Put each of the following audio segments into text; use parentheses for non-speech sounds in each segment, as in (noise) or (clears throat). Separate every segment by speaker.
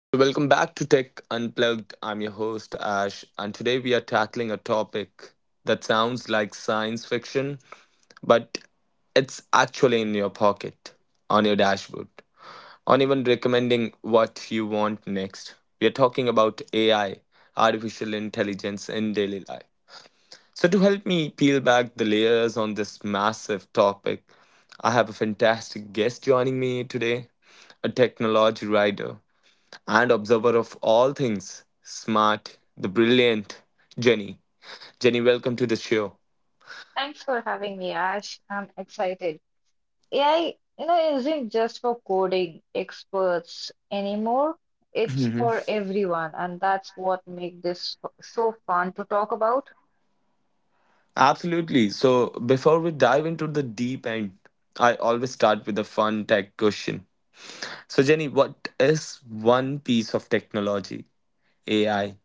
Speaker 1: So, welcome back to Tech Unplugged. I'm your host, Ash, and today we are tackling a topic that sounds like science fiction, but it's actually in your pocket, on your dashboard, on even recommending what you want next. We are talking about AI, artificial intelligence in daily life. So, to help me peel back the layers on this massive topic, I have a fantastic guest joining me today, a technology writer and observer of all things smart, the brilliant Jenny. Jenny, welcome to the show.
Speaker 2: Thanks for having me, Ash. I'm excited. AI, you know, isn't just for coding experts anymore. It's for everyone, and that's what makes so fun to talk about.
Speaker 1: Absolutely. So, before we dive into the deep end, I always start with a fun tech question. So, Jenny, what is one piece of technology, AI,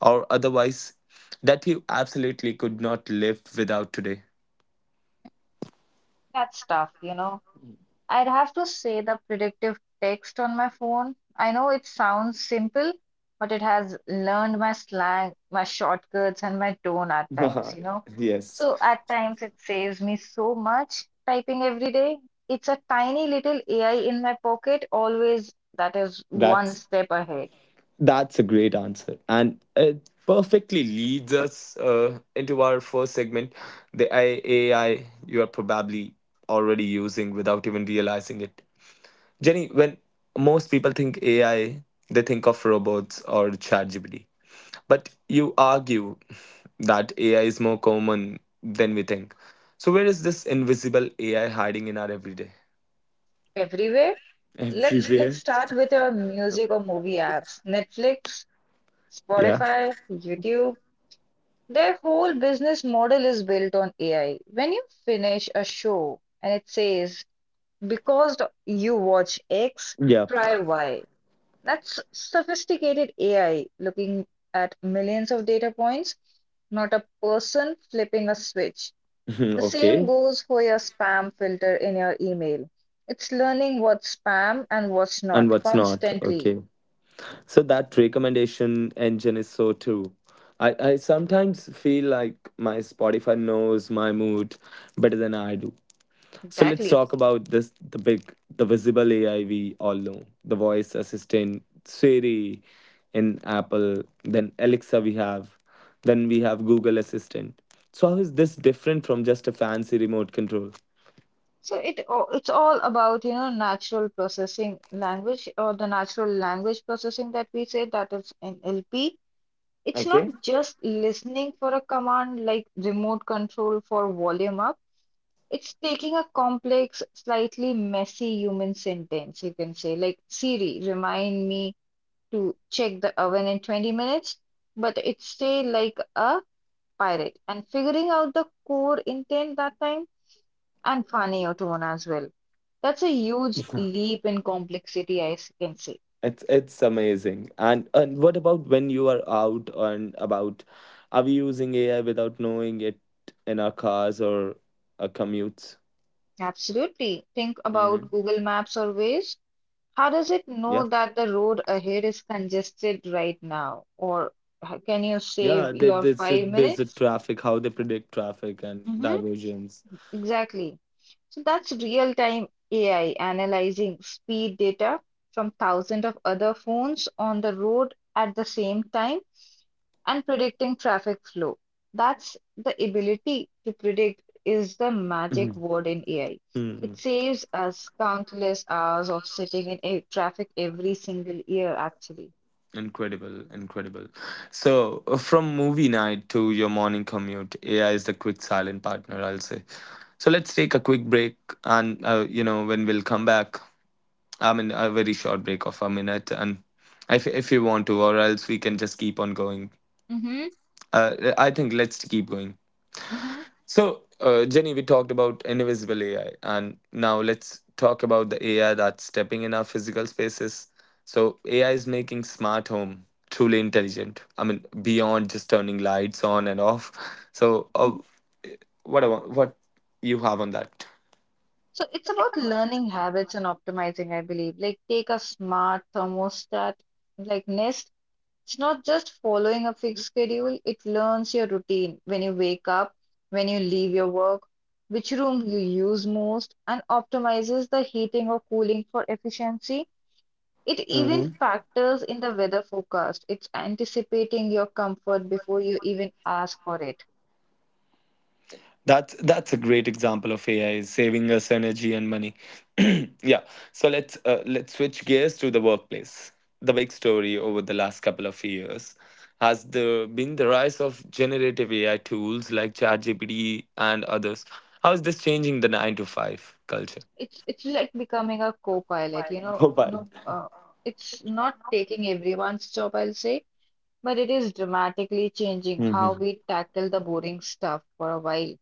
Speaker 1: or otherwise, that you absolutely could not live without today?
Speaker 2: That stuff, you know. I'd have to say the predictive text on my phone. I know it sounds simple, but it has learned my slang, my shortcuts, and my tone at times, you
Speaker 1: (laughs)
Speaker 2: know.
Speaker 1: Yes,
Speaker 2: So at times it saves me so much typing every day. It's a tiny little AI in my pocket, always that is one
Speaker 1: that's
Speaker 2: step ahead
Speaker 1: That's a great answer. And it perfectly leads us into our first segment, the AI you are probably already using without even realizing it. Jenny, when most people think AI, they think of robots or ChatGPT. But you argue that AI is more common than we think. So, where is this invisible AI hiding in our everyday?
Speaker 2: everywhere. Let's
Speaker 1: Everywhere.
Speaker 2: start with our music or movie apps. Netflix,
Speaker 1: Yeah.
Speaker 2: Spotify, YouTube. Their whole business model is built on AI. When you finish a show and it says, because you watch X,
Speaker 1: Yep.
Speaker 2: try Y. That's sophisticated AI looking at millions of data points, not a person flipping a switch. The
Speaker 1: (laughs) Okay.
Speaker 2: same goes for your spam filter in your email. It's learning what's spam and what's
Speaker 1: And
Speaker 2: not
Speaker 1: what's not?
Speaker 2: constantly.
Speaker 1: Okay. So that recommendation engine is so true. I sometimes feel like my Spotify knows my mood better than I do. So let's
Speaker 2: Exactly.
Speaker 1: talk about this the big, the visible AI we all know. The voice assistant Siri in Apple, then Alexa we have, then we have Google Assistant. So how is this different from just a fancy remote control?
Speaker 2: So it's all about, you know, natural processing language or the natural language processing that we say that is NLP. It's not
Speaker 1: Okay.
Speaker 2: just listening for a command like remote control for volume up. It's taking a complex, slightly messy human sentence, you can say, like Siri, remind me to check the oven in 20 minutes, but it's say like a pirate and figuring out the core intent that time and funny or tone as well. That's a huge
Speaker 1: (laughs)
Speaker 2: leap in complexity, can say.
Speaker 1: It's amazing. And what about when you are out and about? Are we using AI without knowing it in our cars or our commutes?
Speaker 2: Absolutely. Think about
Speaker 1: Hmm.
Speaker 2: Google Maps or Waze. How does it know
Speaker 1: Yeah,
Speaker 2: that the road ahead is congested right now? Or can you save
Speaker 1: yeah. There,
Speaker 2: your
Speaker 1: there's a,
Speaker 2: five
Speaker 1: there's a
Speaker 2: minutes?
Speaker 1: traffic. How they predict traffic and
Speaker 2: Hmm.
Speaker 1: diversions.
Speaker 2: Exactly. So that's real-time AI analyzing speed data from thousands of other phones on the road at the same time and predicting traffic flow. That's the ability to predict is the magic
Speaker 1: Mhm.
Speaker 2: word in AI. It
Speaker 1: Mhm.
Speaker 2: saves us countless hours of sitting in a traffic every single year, actually.
Speaker 1: Incredible, incredible. So from movie night to your morning commute, AI is the quick silent partner, I'll say. So let's take a quick break, and you know when we'll come back, I mean, a very short break of a minute, and if you want to, or else we can just keep on going.
Speaker 2: Mm-hmm.
Speaker 1: I think let's keep going.
Speaker 2: Mm-hmm.
Speaker 1: So, Jenny, we talked about invisible AI, and now let's talk about the AI that's stepping in our physical spaces. So, AI is making smart home truly intelligent. I mean, beyond just turning lights on and off. So,
Speaker 2: hmm
Speaker 1: what you have on that?
Speaker 2: So it's about learning habits and optimizing, I believe. Like take a smart thermostat like Nest. It's not just following a fixed schedule, it learns your routine when you wake up, when you leave your work, which room you use most, and optimizes the heating or cooling for efficiency. It even factors in the weather forecast. It's anticipating your comfort before you even ask for it.
Speaker 1: That's a great example of AI is saving us energy and money. (clears throat) Yeah. So let's switch gears to the workplace. The big story over the last couple of years has the been the rise of generative AI tools like ChatGPT and others. How is this changing the nine to five culture?
Speaker 2: It's like becoming a co-pilot, you know, no, it's not taking everyone's job, I'll say, but it is dramatically changing
Speaker 1: Mm-hmm.
Speaker 2: how we tackle the boring stuff for a while.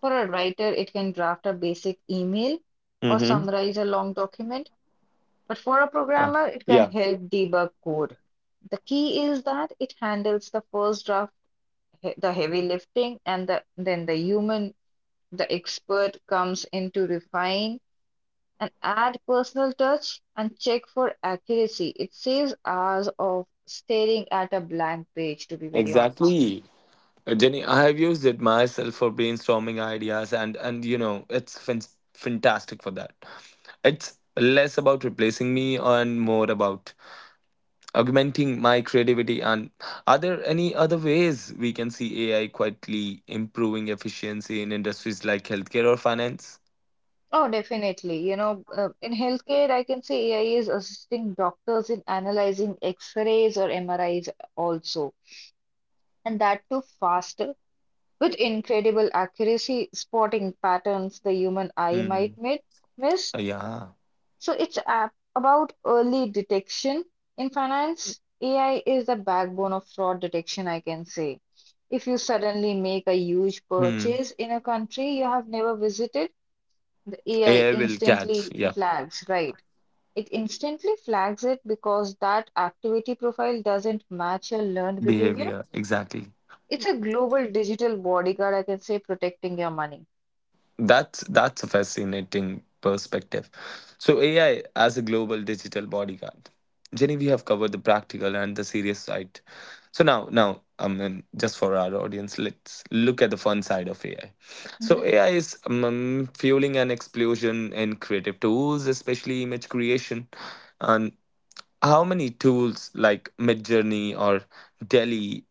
Speaker 2: For a writer, it can draft a basic email or
Speaker 1: Mm-hmm.
Speaker 2: summarize a long document, but for a programmer, it can
Speaker 1: Yeah.
Speaker 2: help debug code. The key is that it handles the first draft, the heavy lifting, and then the human, the expert comes in to refine and add personal touch and check for accuracy. It saves hours of staring at a blank page, to be very honest.
Speaker 1: Exactly. Jenny, I have used it myself for brainstorming ideas, and and it's fantastic for that. It's less about replacing me and more about augmenting my creativity. And are there any other ways we can see AI quietly improving efficiency in industries like healthcare or finance?
Speaker 2: Oh, definitely. You know, in healthcare, I can say AI is assisting doctors in analyzing X-rays or MRIs also, and that too faster with incredible accuracy, spotting patterns the human eye might
Speaker 1: Hmm.
Speaker 2: miss.
Speaker 1: Yeah.
Speaker 2: So about early detection. In finance, AI is the backbone of fraud detection, I can say. If you suddenly make a huge
Speaker 1: Hmm.
Speaker 2: purchase in a country you have never visited, the AI
Speaker 1: AI will catch.
Speaker 2: instantly
Speaker 1: Yeah.
Speaker 2: flags, right? It instantly flags it because that activity profile doesn't match your learned behavior.
Speaker 1: Behavior. Exactly.
Speaker 2: It's a global digital bodyguard, I can say, protecting your money.
Speaker 1: That's a fascinating perspective. So AI as a global digital bodyguard. Jenny, we have covered the practical and the serious side. So I mean, just for our audience, let's look at the fun side of AI. So
Speaker 2: Mhm.
Speaker 1: AI is fueling an explosion in creative tools, especially image creation. And how many tools like Midjourney or Delhi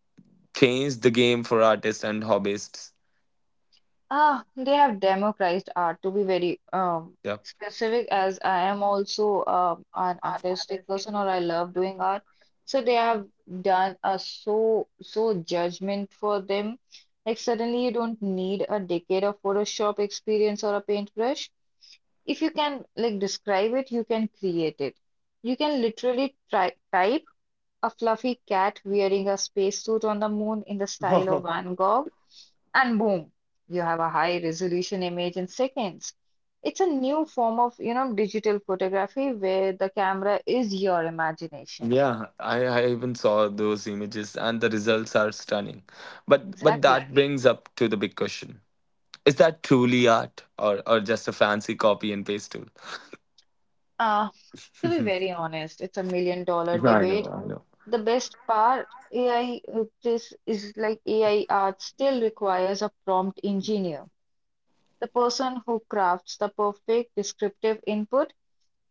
Speaker 1: changed the game for artists and hobbyists?
Speaker 2: Ah, they have democratized art to be very
Speaker 1: Yeah.
Speaker 2: specific, as I am also an artistic person or I love doing art. So they have done a so judgment for them. Like suddenly you don't need a decade of Photoshop experience or a paintbrush. If you can like describe it, you can create it. You can literally try type a fluffy cat wearing a spacesuit on the moon in the style of
Speaker 1: (laughs)
Speaker 2: Van Gogh, and boom, you have a high resolution image in seconds. It's a new form of, you know, digital photography where the camera is your imagination.
Speaker 1: Yeah, I even saw those images and the results are stunning. But
Speaker 2: Exactly.
Speaker 1: that brings up to the big question. Is that truly art or just a fancy copy and paste tool?
Speaker 2: Uh, to be very honest, it's a million dollar
Speaker 1: I know,
Speaker 2: debate.
Speaker 1: I know.
Speaker 2: The best part, AI uh, this is like AI art still requires a prompt engineer. The person who crafts the perfect descriptive input,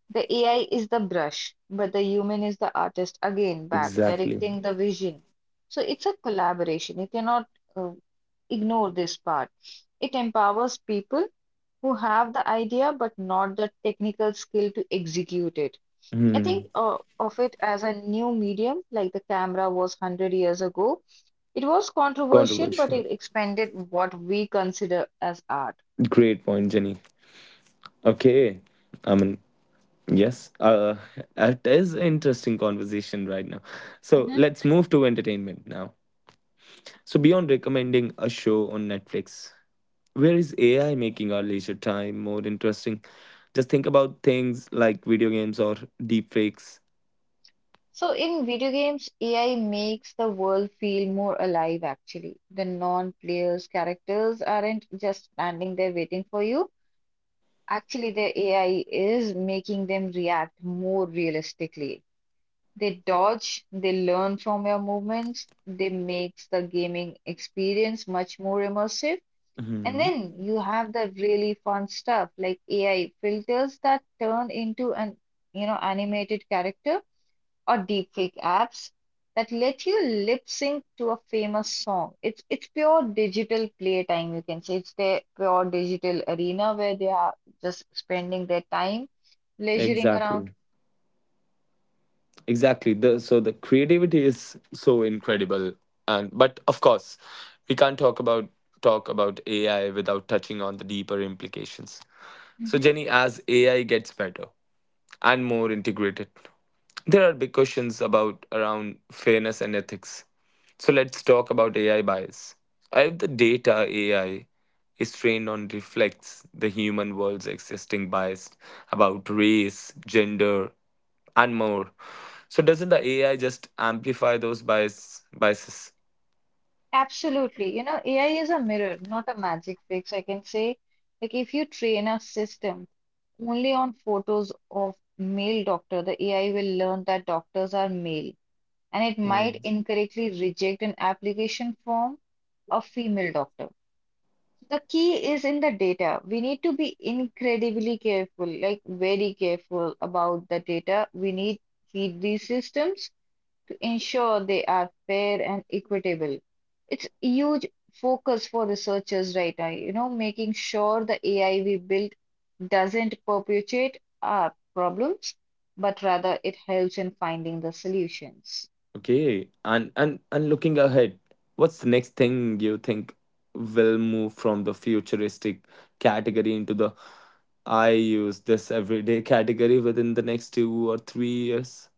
Speaker 2: the AI is the brush, but the human is the artist again back
Speaker 1: Exactly.
Speaker 2: directing the vision. So it's a collaboration. You cannot uh, ignore this part. It empowers people who have the idea but not the technical skill to execute it. I
Speaker 1: Hmm.
Speaker 2: think of it as a new medium, like the camera was 100 years ago. It was controversial, but
Speaker 1: Controversial.
Speaker 2: it expanded what we consider as art.
Speaker 1: Great point, Jenny. Okay. I mean, yes. (laughs) It is interesting conversation right now. So
Speaker 2: Mhm.
Speaker 1: let's move to entertainment now. So, beyond recommending a show on Netflix, where is AI making our leisure time more interesting? Just think about things like video games or deepfakes.
Speaker 2: So, in video games, AI makes the world feel more alive actually. The non-players characters aren't just standing there waiting for you. Actually, the AI is making them react more realistically. They dodge, they learn from your movements, they makes the gaming experience much more immersive. And
Speaker 1: Mhm.
Speaker 2: then you have the really fun stuff like AI filters that turn into an, you know, animated character or deepfake apps that let you lip sync to a famous song. It's pure digital playtime, you can say. It's their pure digital arena where they are just spending their time leisuring around.
Speaker 1: Exactly. Exactly. So the creativity is so incredible, and but of course, we can't talk about AI without touching on the deeper implications. So
Speaker 2: Mm-hmm.
Speaker 1: Jenny, as AI gets better and more integrated, there are big questions about around fairness and ethics. So let's talk about AI bias. If the data AI is trained on reflects the human world's existing bias about race, gender, and more. So doesn't the AI just amplify those biases?
Speaker 2: Absolutely. You know, AI is a mirror, not a magic fix, I can say. Like, if you train a system only on photos of male doctor, the AI will learn that doctors are male, and it
Speaker 1: Mm.
Speaker 2: might incorrectly reject an application from a female doctor. The key is in the data. We need to be incredibly careful, like very careful about the data we need feed these systems to ensure they are fair and equitable. It's a huge focus for researchers right now, you know, making sure the AI we build doesn't perpetuate our problems, but rather it helps in finding the solutions.
Speaker 1: Okay. And looking ahead, what's the next thing you think will move from the futuristic category into the I use this everyday category within the next 2 or 3 years.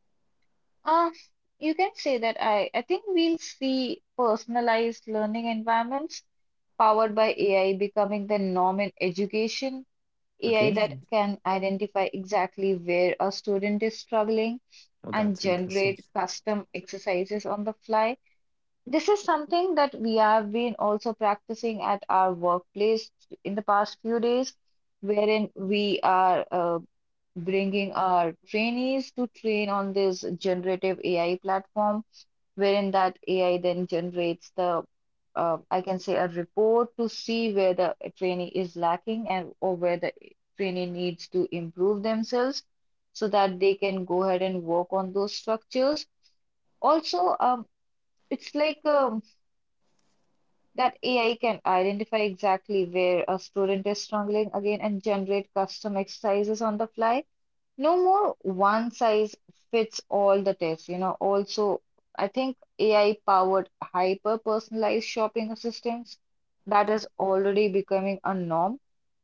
Speaker 2: Uh, you can say that I think we'll see personalized learning environments powered by AI becoming the norm in education, AI that
Speaker 1: Okay.
Speaker 2: can identify exactly where a student is struggling
Speaker 1: Oh,
Speaker 2: and
Speaker 1: that's interesting.
Speaker 2: generate custom exercises on the fly. This is something that we have been also practicing at our workplace in the past few days, wherein we are bringing our trainees to train on this generative AI platform wherein that AI then generates the, I can say, a report to see where the trainee is lacking and or where the trainee needs to improve themselves so that they can go ahead and work on those structures. Also, it's like that AI can identify exactly where a student is struggling again and generate custom exercises on the fly no more one size fits all the tests. Also, I think AI powered hyper personalized shopping assistance that is already becoming a norm,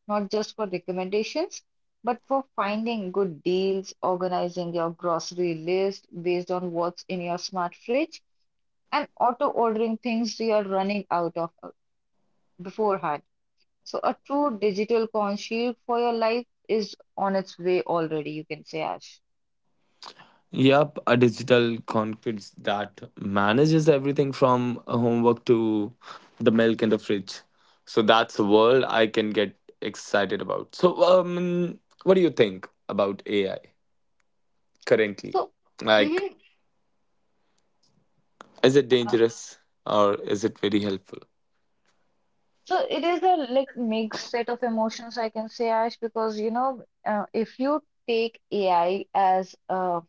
Speaker 2: not just for recommendations, but for finding good deals, organizing your grocery list based on what's in your smart fridge, and auto ordering things you are running out of beforehand. So, a true digital concierge for your life is on its way already, you can say, Ash.
Speaker 1: Yep, a digital cockpit that manages everything from homework to the milk in the fridge. So that's a world I can get excited about. So, what do you think about AI currently?
Speaker 2: So,
Speaker 1: Like,
Speaker 2: mhm,
Speaker 1: is it
Speaker 2: uh,
Speaker 1: dangerous or is it very helpful?
Speaker 2: so it is a like mixed set of emotions, I can say, Ash, because you know, if you take AI as a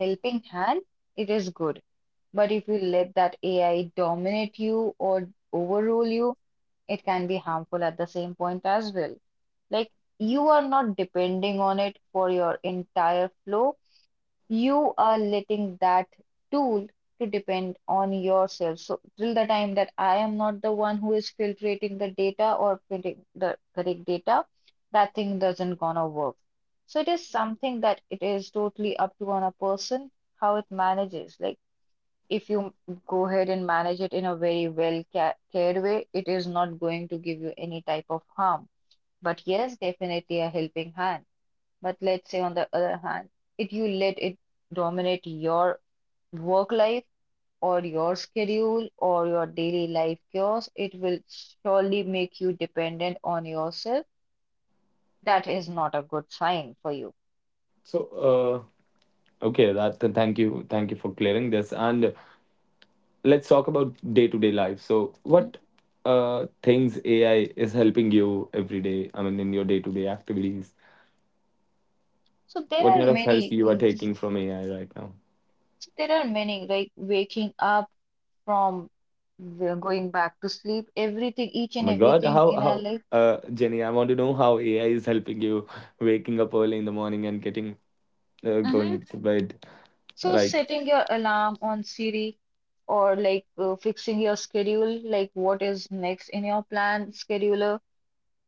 Speaker 2: helping hand, it is good. But if you let that AI dominate you or overrule you, it can be harmful at the same point as well. Like you are not depending on it for your entire flow. You are letting that tool to depend on yourself. So till the time that I am not the one who is filtering the data or printing the correct data, that thing doesn't gonna work. So it is something that it is totally up to on a person how it manages. Like if you go ahead and manage it in a very well ca cared way, it is not going to give you any type of harm. But yes, definitely a helping hand. But let's say, on the other hand, if you let it dominate your work life or your schedule or your daily life chaos, it will surely make you dependent on yourself. That is not a good sign for you.
Speaker 1: So, okay, thank you for clearing this. And let's talk about day to day life. So,
Speaker 2: Mhm.
Speaker 1: what things AI is helping you every day? I mean, in your day to day activities,
Speaker 2: So there
Speaker 1: what kind
Speaker 2: are
Speaker 1: of help
Speaker 2: many
Speaker 1: you are
Speaker 2: things.
Speaker 1: taking from AI right now?
Speaker 2: So there are many, like waking up from going back to sleep, everything, each
Speaker 1: Oh
Speaker 2: and
Speaker 1: my God,
Speaker 2: everything in our
Speaker 1: how
Speaker 2: life.
Speaker 1: Jenny? I want to know how AI is helping you waking up early in the morning and getting
Speaker 2: Mhm.
Speaker 1: going to bed.
Speaker 2: So
Speaker 1: Like,
Speaker 2: setting your alarm on Siri or like fixing your schedule, like what is next in your plan scheduler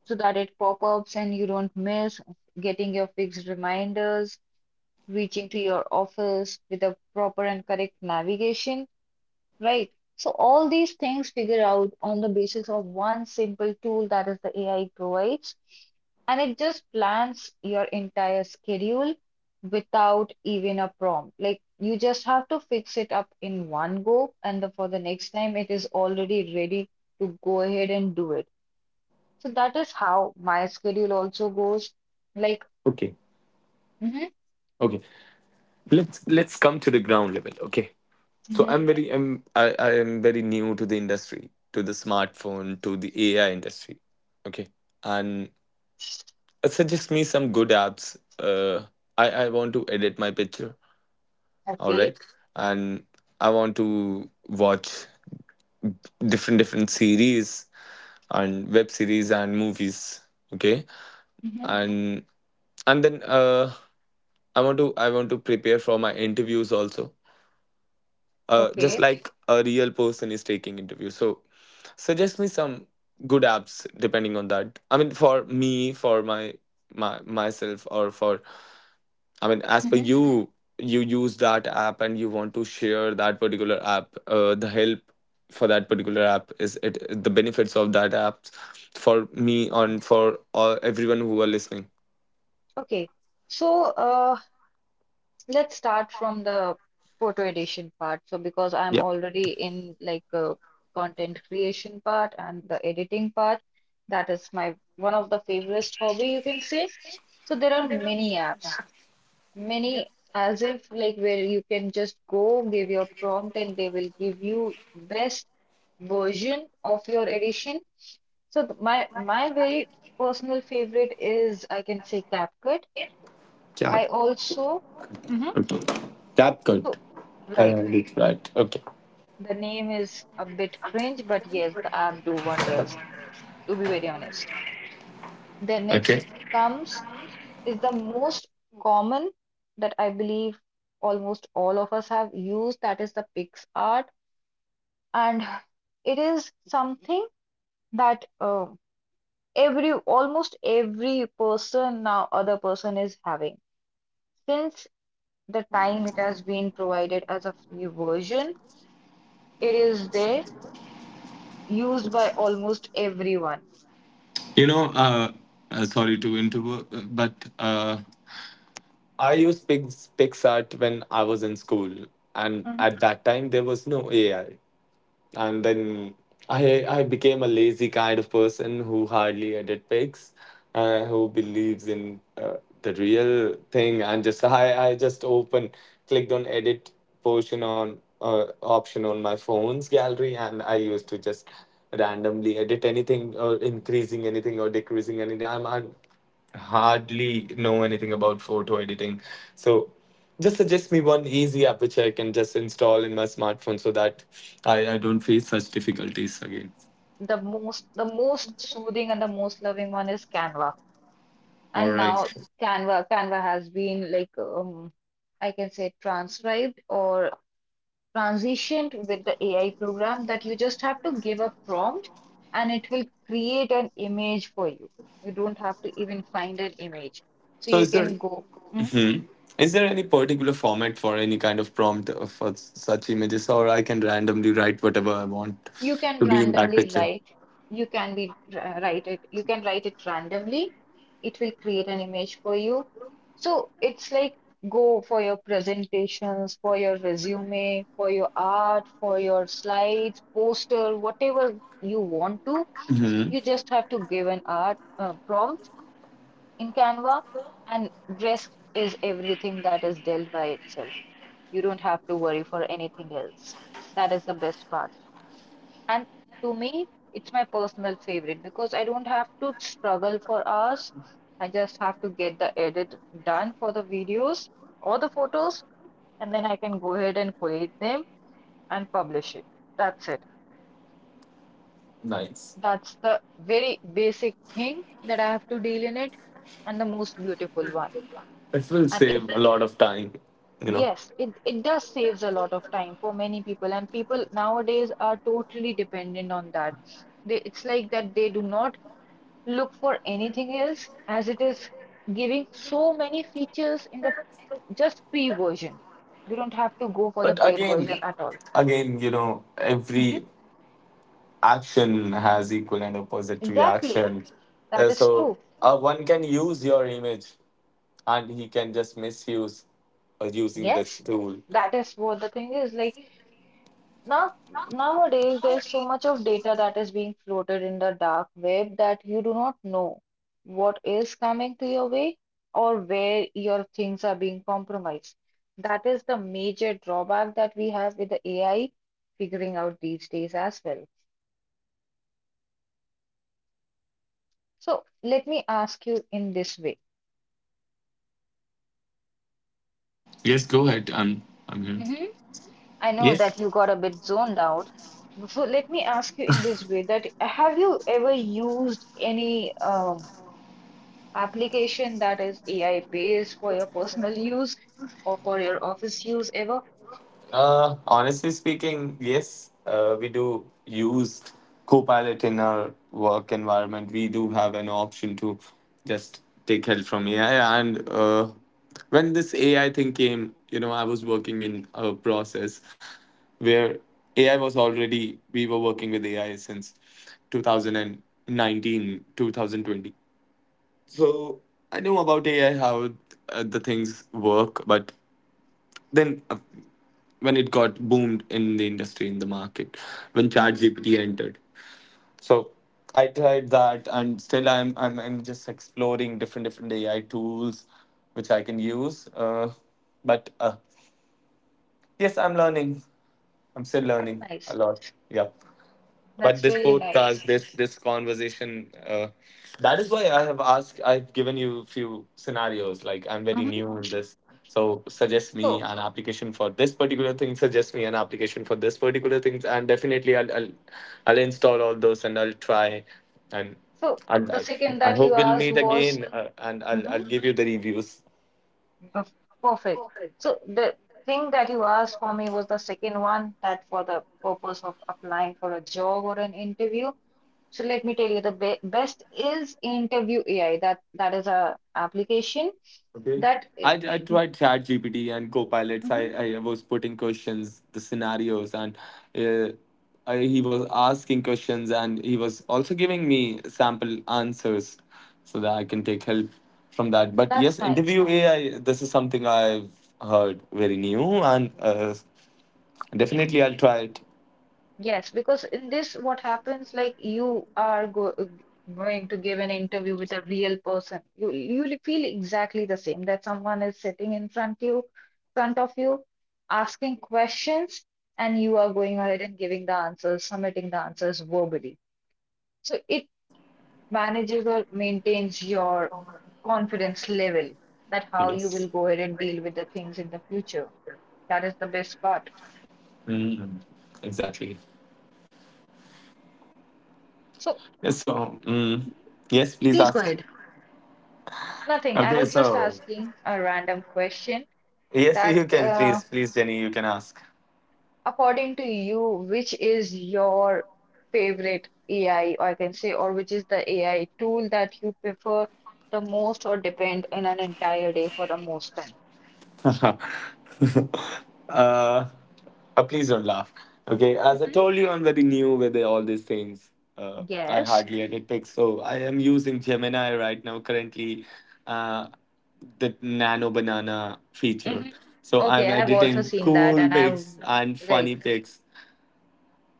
Speaker 2: so that it pop-ups and you don't miss, getting your fixed reminders, reaching to your office with a proper and correct navigation. Right. So all these things figure out on the basis of one simple tool that is the AI provides, and it just plans your entire schedule without even a prompt. Like you just have to fix it up in one go, and for the next time it is already ready to go ahead and do it. So that is how my schedule also goes. Like,
Speaker 1: okay,
Speaker 2: mm-hmm,
Speaker 1: okay, let's come to the ground level. Okay, so
Speaker 2: hmm
Speaker 1: I am very new to the industry, to the smartphone, to the AI industry. Okay, and suggest me some good apps. I want to edit my picture. All
Speaker 2: okay,
Speaker 1: right, and I want to watch different series and web series and movies. Okay,
Speaker 2: mm-hmm,
Speaker 1: and and then I want to prepare for my interviews also. Just,
Speaker 2: okay,
Speaker 1: okay, like a real person is taking interviews. So suggest me some good apps depending on that. I mean, for me, for my myself, or for, I mean, as per
Speaker 2: mm-hmm,
Speaker 1: you, you use that app and you want to share that particular app. The help for that particular app is it the benefits of that app for me and for all, everyone who are listening.
Speaker 2: okay. So, uh. Let's start from the photo edition part. So because I'm
Speaker 1: Yep.
Speaker 2: already in like content creation part and the editing part, that is my one of the favorite hobby you can say. So there are many apps, many as if like where you can just go give your prompt and they will give you best version of your edition. So my very personal favorite is I can say CapCut.
Speaker 1: Jab.
Speaker 2: I also Mhm.
Speaker 1: Okay. Jab.
Speaker 2: so
Speaker 1: Good. I
Speaker 2: right.
Speaker 1: heard right. Okay.
Speaker 2: The name is a bit cringe, but yes, the app do wonders, to be very honest. Then next
Speaker 1: Okay.
Speaker 2: comes is the most common that I believe almost all of us have used, that is the PixArt. And it is something that every almost every person now other person is having. Since the time it has been provided as a free version, it is there used by almost everyone.
Speaker 1: You know, sorry to interrupt, but uh, I used PixArt when I was in school, and at that time there was no AI. And then I became a lazy kind of person who hardly edit pics, who believes in the real thing, and just I just open clicked on edit portion on option on my phone's gallery, and I used to just randomly edit anything or increasing anything or decreasing anything. I'm hardly know anything about photo editing. So just suggest me one easy app which I can just install in my smartphone so that I don't face such difficulties again.
Speaker 2: The most soothing and the most loving one is Canva.
Speaker 1: All
Speaker 2: And
Speaker 1: right.
Speaker 2: now Canva has been like I can say transcribed or transitioned with the AI program that you just have to give a prompt and it will create an image for you. You don't have to even find an image. So
Speaker 1: So
Speaker 2: you can go.
Speaker 1: hmm is there any particular format for any kind of prompt for such images, or I can randomly write whatever I want
Speaker 2: You can
Speaker 1: to be in that
Speaker 2: randomly
Speaker 1: picture?
Speaker 2: write, you can be r- write it, you can write it randomly. It will create an image for you. So it's like go for your presentations, for your resume, for your art, for your slides, poster, whatever you want to.
Speaker 1: Hmm.
Speaker 2: You just have to give an art prompt in Canva, and rest is everything that is dealt by itself. You don't have to worry for anything else. That is the best part. And to me, it's my personal favorite because I don't have to struggle for hours. I just have to get the edit done for the videos or the photos, and then I can go ahead and create them and publish it. That's it.
Speaker 1: Nice.
Speaker 2: That's the very basic thing that I have to deal in it, and the most beautiful one.
Speaker 1: It will
Speaker 2: And
Speaker 1: save
Speaker 2: if
Speaker 1: a lot of time, you know.
Speaker 2: yes, it does saves a lot of time for many people, and people nowadays are totally dependent on that. It's like that they do not look for anything else as it is giving so many features in the just free version. You don't have to go for the
Speaker 1: But
Speaker 2: paid
Speaker 1: again,
Speaker 2: version at all.
Speaker 1: again,
Speaker 2: Mhm.
Speaker 1: every action has equal and opposite
Speaker 2: Exactly.
Speaker 1: reaction.
Speaker 2: That
Speaker 1: Uh,
Speaker 2: is
Speaker 1: so
Speaker 2: true.
Speaker 1: uh, one can use your image, and he can just misuse using this
Speaker 2: Yes.
Speaker 1: tool.
Speaker 2: That is what the thing is like. Now, nowadays, there's so much of data that is being floated in the dark web that you do not know what is coming to your way or where your things are being compromised. That is the major drawback that we have with the AI figuring out these days as well. So, let me ask you in this way.
Speaker 1: Yes, go ahead. I'm here.
Speaker 2: hmm I know
Speaker 1: Yes.
Speaker 2: that you got a bit zoned out. So let me ask you in this way that have you ever used any application that is AI based for your personal use or for your office use ever.
Speaker 1: Honestly speaking, yes, we do use Copilot in our work environment. We do have an option to just take help from AI. And when this AI thing came, I was
Speaker 2: Mm-hmm.
Speaker 1: working in a process. Where AI was already, we were working with AI since 2019, 2020. So I knew about AI, how the things work, but then when it got boomed in the industry, in the market, when
Speaker 2: Mm-hmm.
Speaker 1: ChatGPT entered. So I tried that and still I'm just exploring different, different AI tools which I can use. But yes, I'm learning. I'm still
Speaker 2: That's
Speaker 1: learning a
Speaker 2: nice.
Speaker 1: lot. Yeah. But
Speaker 2: That's
Speaker 1: this
Speaker 2: really
Speaker 1: podcast,
Speaker 2: nice.
Speaker 1: this conversation, that is why I have asked. I've given you a few scenarios. Like I'm very
Speaker 2: Mm-hmm.
Speaker 1: new in this, so suggest me
Speaker 2: So,
Speaker 1: an application for this particular thing. Suggest me an application for this particular thing, and definitely I'll install all those and I'll try, and
Speaker 2: so
Speaker 1: and
Speaker 2: the
Speaker 1: I,
Speaker 2: second
Speaker 1: I
Speaker 2: that you
Speaker 1: hope we'll
Speaker 2: asked
Speaker 1: meet
Speaker 2: was
Speaker 1: again, and I'll
Speaker 2: hmm
Speaker 1: I'll give you the reviews.
Speaker 2: perfect. So the thing that you asked for me was the second one that for the purpose of applying for a job or an interview. So let me tell you the be best is interview AI. That is a application
Speaker 1: Okay.
Speaker 2: that
Speaker 1: I tried ChatGPT and Copilots.
Speaker 2: Mhm,
Speaker 1: I was putting questions, the scenarios, and uh, he was asking questions and he was also giving me sample answers so that I can
Speaker 2: mhm.
Speaker 1: take help from that. But yes,
Speaker 2: That's nice.
Speaker 1: interview AI, this is something I've heard very new and definitely I'll try it.
Speaker 2: Yes, because in this, what happens like you are go going to give an interview with a real person. You will feel exactly the same that someone is sitting in front of you, asking questions, and you are going ahead and giving the answers, submitting the answers verbally. So it manages or maintains your confidence level that how you will
Speaker 1: Yes.
Speaker 2: go ahead and deal with the things in the future. That is the best part.
Speaker 1: Mm, exactly.
Speaker 2: So
Speaker 1: Yes, so, yes, please
Speaker 2: please go
Speaker 1: ask.
Speaker 2: ahead. Nothing. I
Speaker 1: Okay,
Speaker 2: was just
Speaker 1: so,
Speaker 2: asking a random question
Speaker 1: yes, you
Speaker 2: that,
Speaker 1: can,
Speaker 2: uh,
Speaker 1: please, please, Jenny, you can ask.
Speaker 2: according to you, which is your favorite AI, or I can say, or which is the AI tool that you prefer the most or depend in an entire day for the most time?
Speaker 1: (laughs) uh, uh, Please don't laugh. Okay, as I
Speaker 2: hmm
Speaker 1: told you, I'm very new with all these things. I
Speaker 2: Yes.
Speaker 1: hardly edit pics, so I am using Gemini right now currently, uh, the nano banana feature.
Speaker 2: hmm
Speaker 1: So I'm
Speaker 2: Okay, I've also
Speaker 1: editing
Speaker 2: seen that,
Speaker 1: cool
Speaker 2: and I've
Speaker 1: pics and
Speaker 2: right.
Speaker 1: funny pics,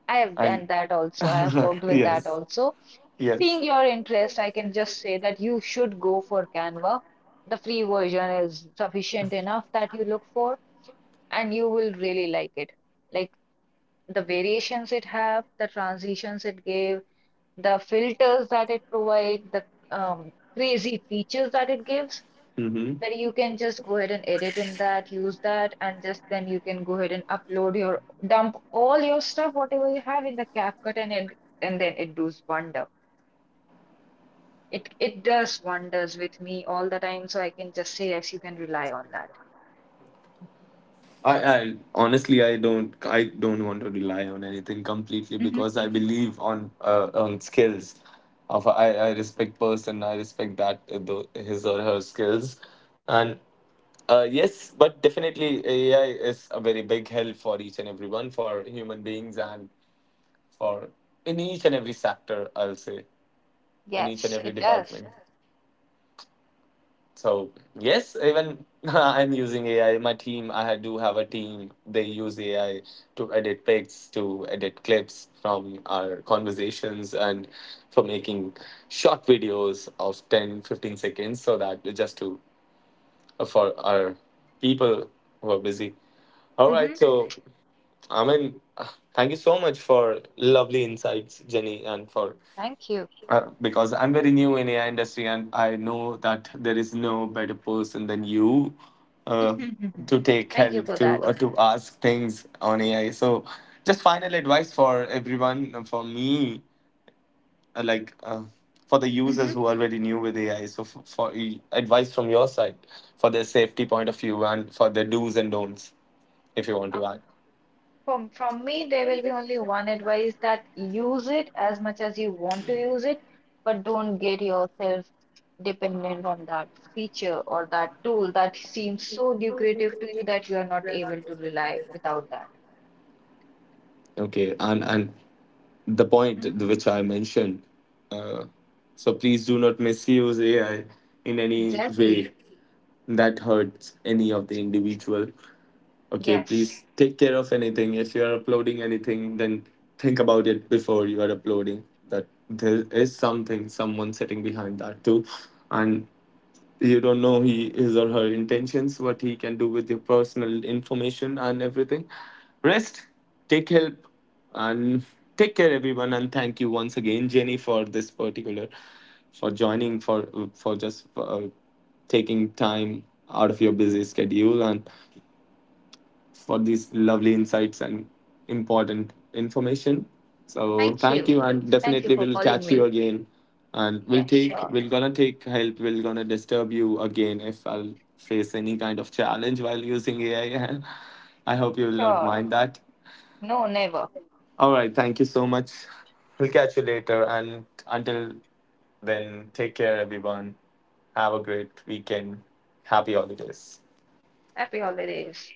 Speaker 2: I have
Speaker 1: and
Speaker 2: done that
Speaker 1: (laughs)
Speaker 2: also. I have worked with that
Speaker 1: yes,
Speaker 2: also.
Speaker 1: yes.
Speaker 2: Seeing your interest, I can just say that you should go for Canva. The free version is sufficient enough that you look for, and you will really like it. Like the variations it have, the transitions it gave, the filters that it provide, the crazy features that it gives,
Speaker 1: Mm-hmm.
Speaker 2: that you can just go ahead and edit in that, use that, and just then you can go ahead and upload your, dump all your stuff, whatever you have in the CapCut, and it, and then it does wonder. It does wonders with me all the time, so I can just say yes, you can rely on that.
Speaker 1: I honestly I don't want to rely on anything completely
Speaker 2: Hmm.
Speaker 1: because I believe on skills. Of, I respect person, I respect that his or her skills and yes but definitely AI is a very big help for each and everyone for human beings and for in each and every sector, I'll say, in each and
Speaker 2: Yes,
Speaker 1: every
Speaker 2: it does.
Speaker 1: department. So yes, even (laughs) I'm using AI. My team, I do have a team. They use AI to edit pics, to edit clips from our conversations, and for making short videos of 10, 15 seconds, so that just to for our people who are busy. All
Speaker 2: Hmm.
Speaker 1: right, so I mean, (sighs) thank you so much for lovely insights, Jenny, and for
Speaker 2: Thank you.
Speaker 1: because I'm very new in AI industry and I know that there is no better person than you uh, to
Speaker 2: (laughs)
Speaker 1: take
Speaker 2: Thank you
Speaker 1: help
Speaker 2: for that.
Speaker 1: to ask things on AI. So, just final advice for everyone for me, uh, like uh, for the users
Speaker 2: hmm
Speaker 1: who are very new with AI. So, for advice from your side for their safety point of view and for their do's and don'ts, if you want
Speaker 2: Um,
Speaker 1: to add.
Speaker 2: from me, there will be only one advice that use it as much as you want to use it, but don't get yourself dependent on that feature or that tool that seems so lucrative to you that you are not able to rely without that.
Speaker 1: Okay, and the point
Speaker 2: Mhm.
Speaker 1: which I mentioned. Uh, so please do not misuse AI in any
Speaker 2: Exactly.
Speaker 1: way that hurts any of the individual. Okay,
Speaker 2: Yes.
Speaker 1: please take care of anything. If you are uploading anything, then think about it before you are uploading. That there is something, someone sitting behind that too, and you don't know he his or her intentions what he can do with your personal information and everything. Rest, take help, and take care, everyone, and thank you once again, Jenny, for this particular, for joining, for just taking time out of your busy schedule and for these lovely insights and important information. So
Speaker 2: Thank
Speaker 1: thank
Speaker 2: you.
Speaker 1: you, and
Speaker 2: Thank you
Speaker 1: definitely
Speaker 2: for
Speaker 1: we'll
Speaker 2: calling
Speaker 1: catch you
Speaker 2: me.
Speaker 1: again. And
Speaker 2: Yeah, sure.
Speaker 1: we're gonna take help. We're gonna disturb you again if I'll face any kind of challenge while using AI. I (laughs) I hope you will not
Speaker 2: Sure.
Speaker 1: mind that.
Speaker 2: No, never.
Speaker 1: All right, thank you so much. We'll catch you later, and until then, take care, everyone. Have a great weekend. Happy holidays.
Speaker 2: Happy holidays.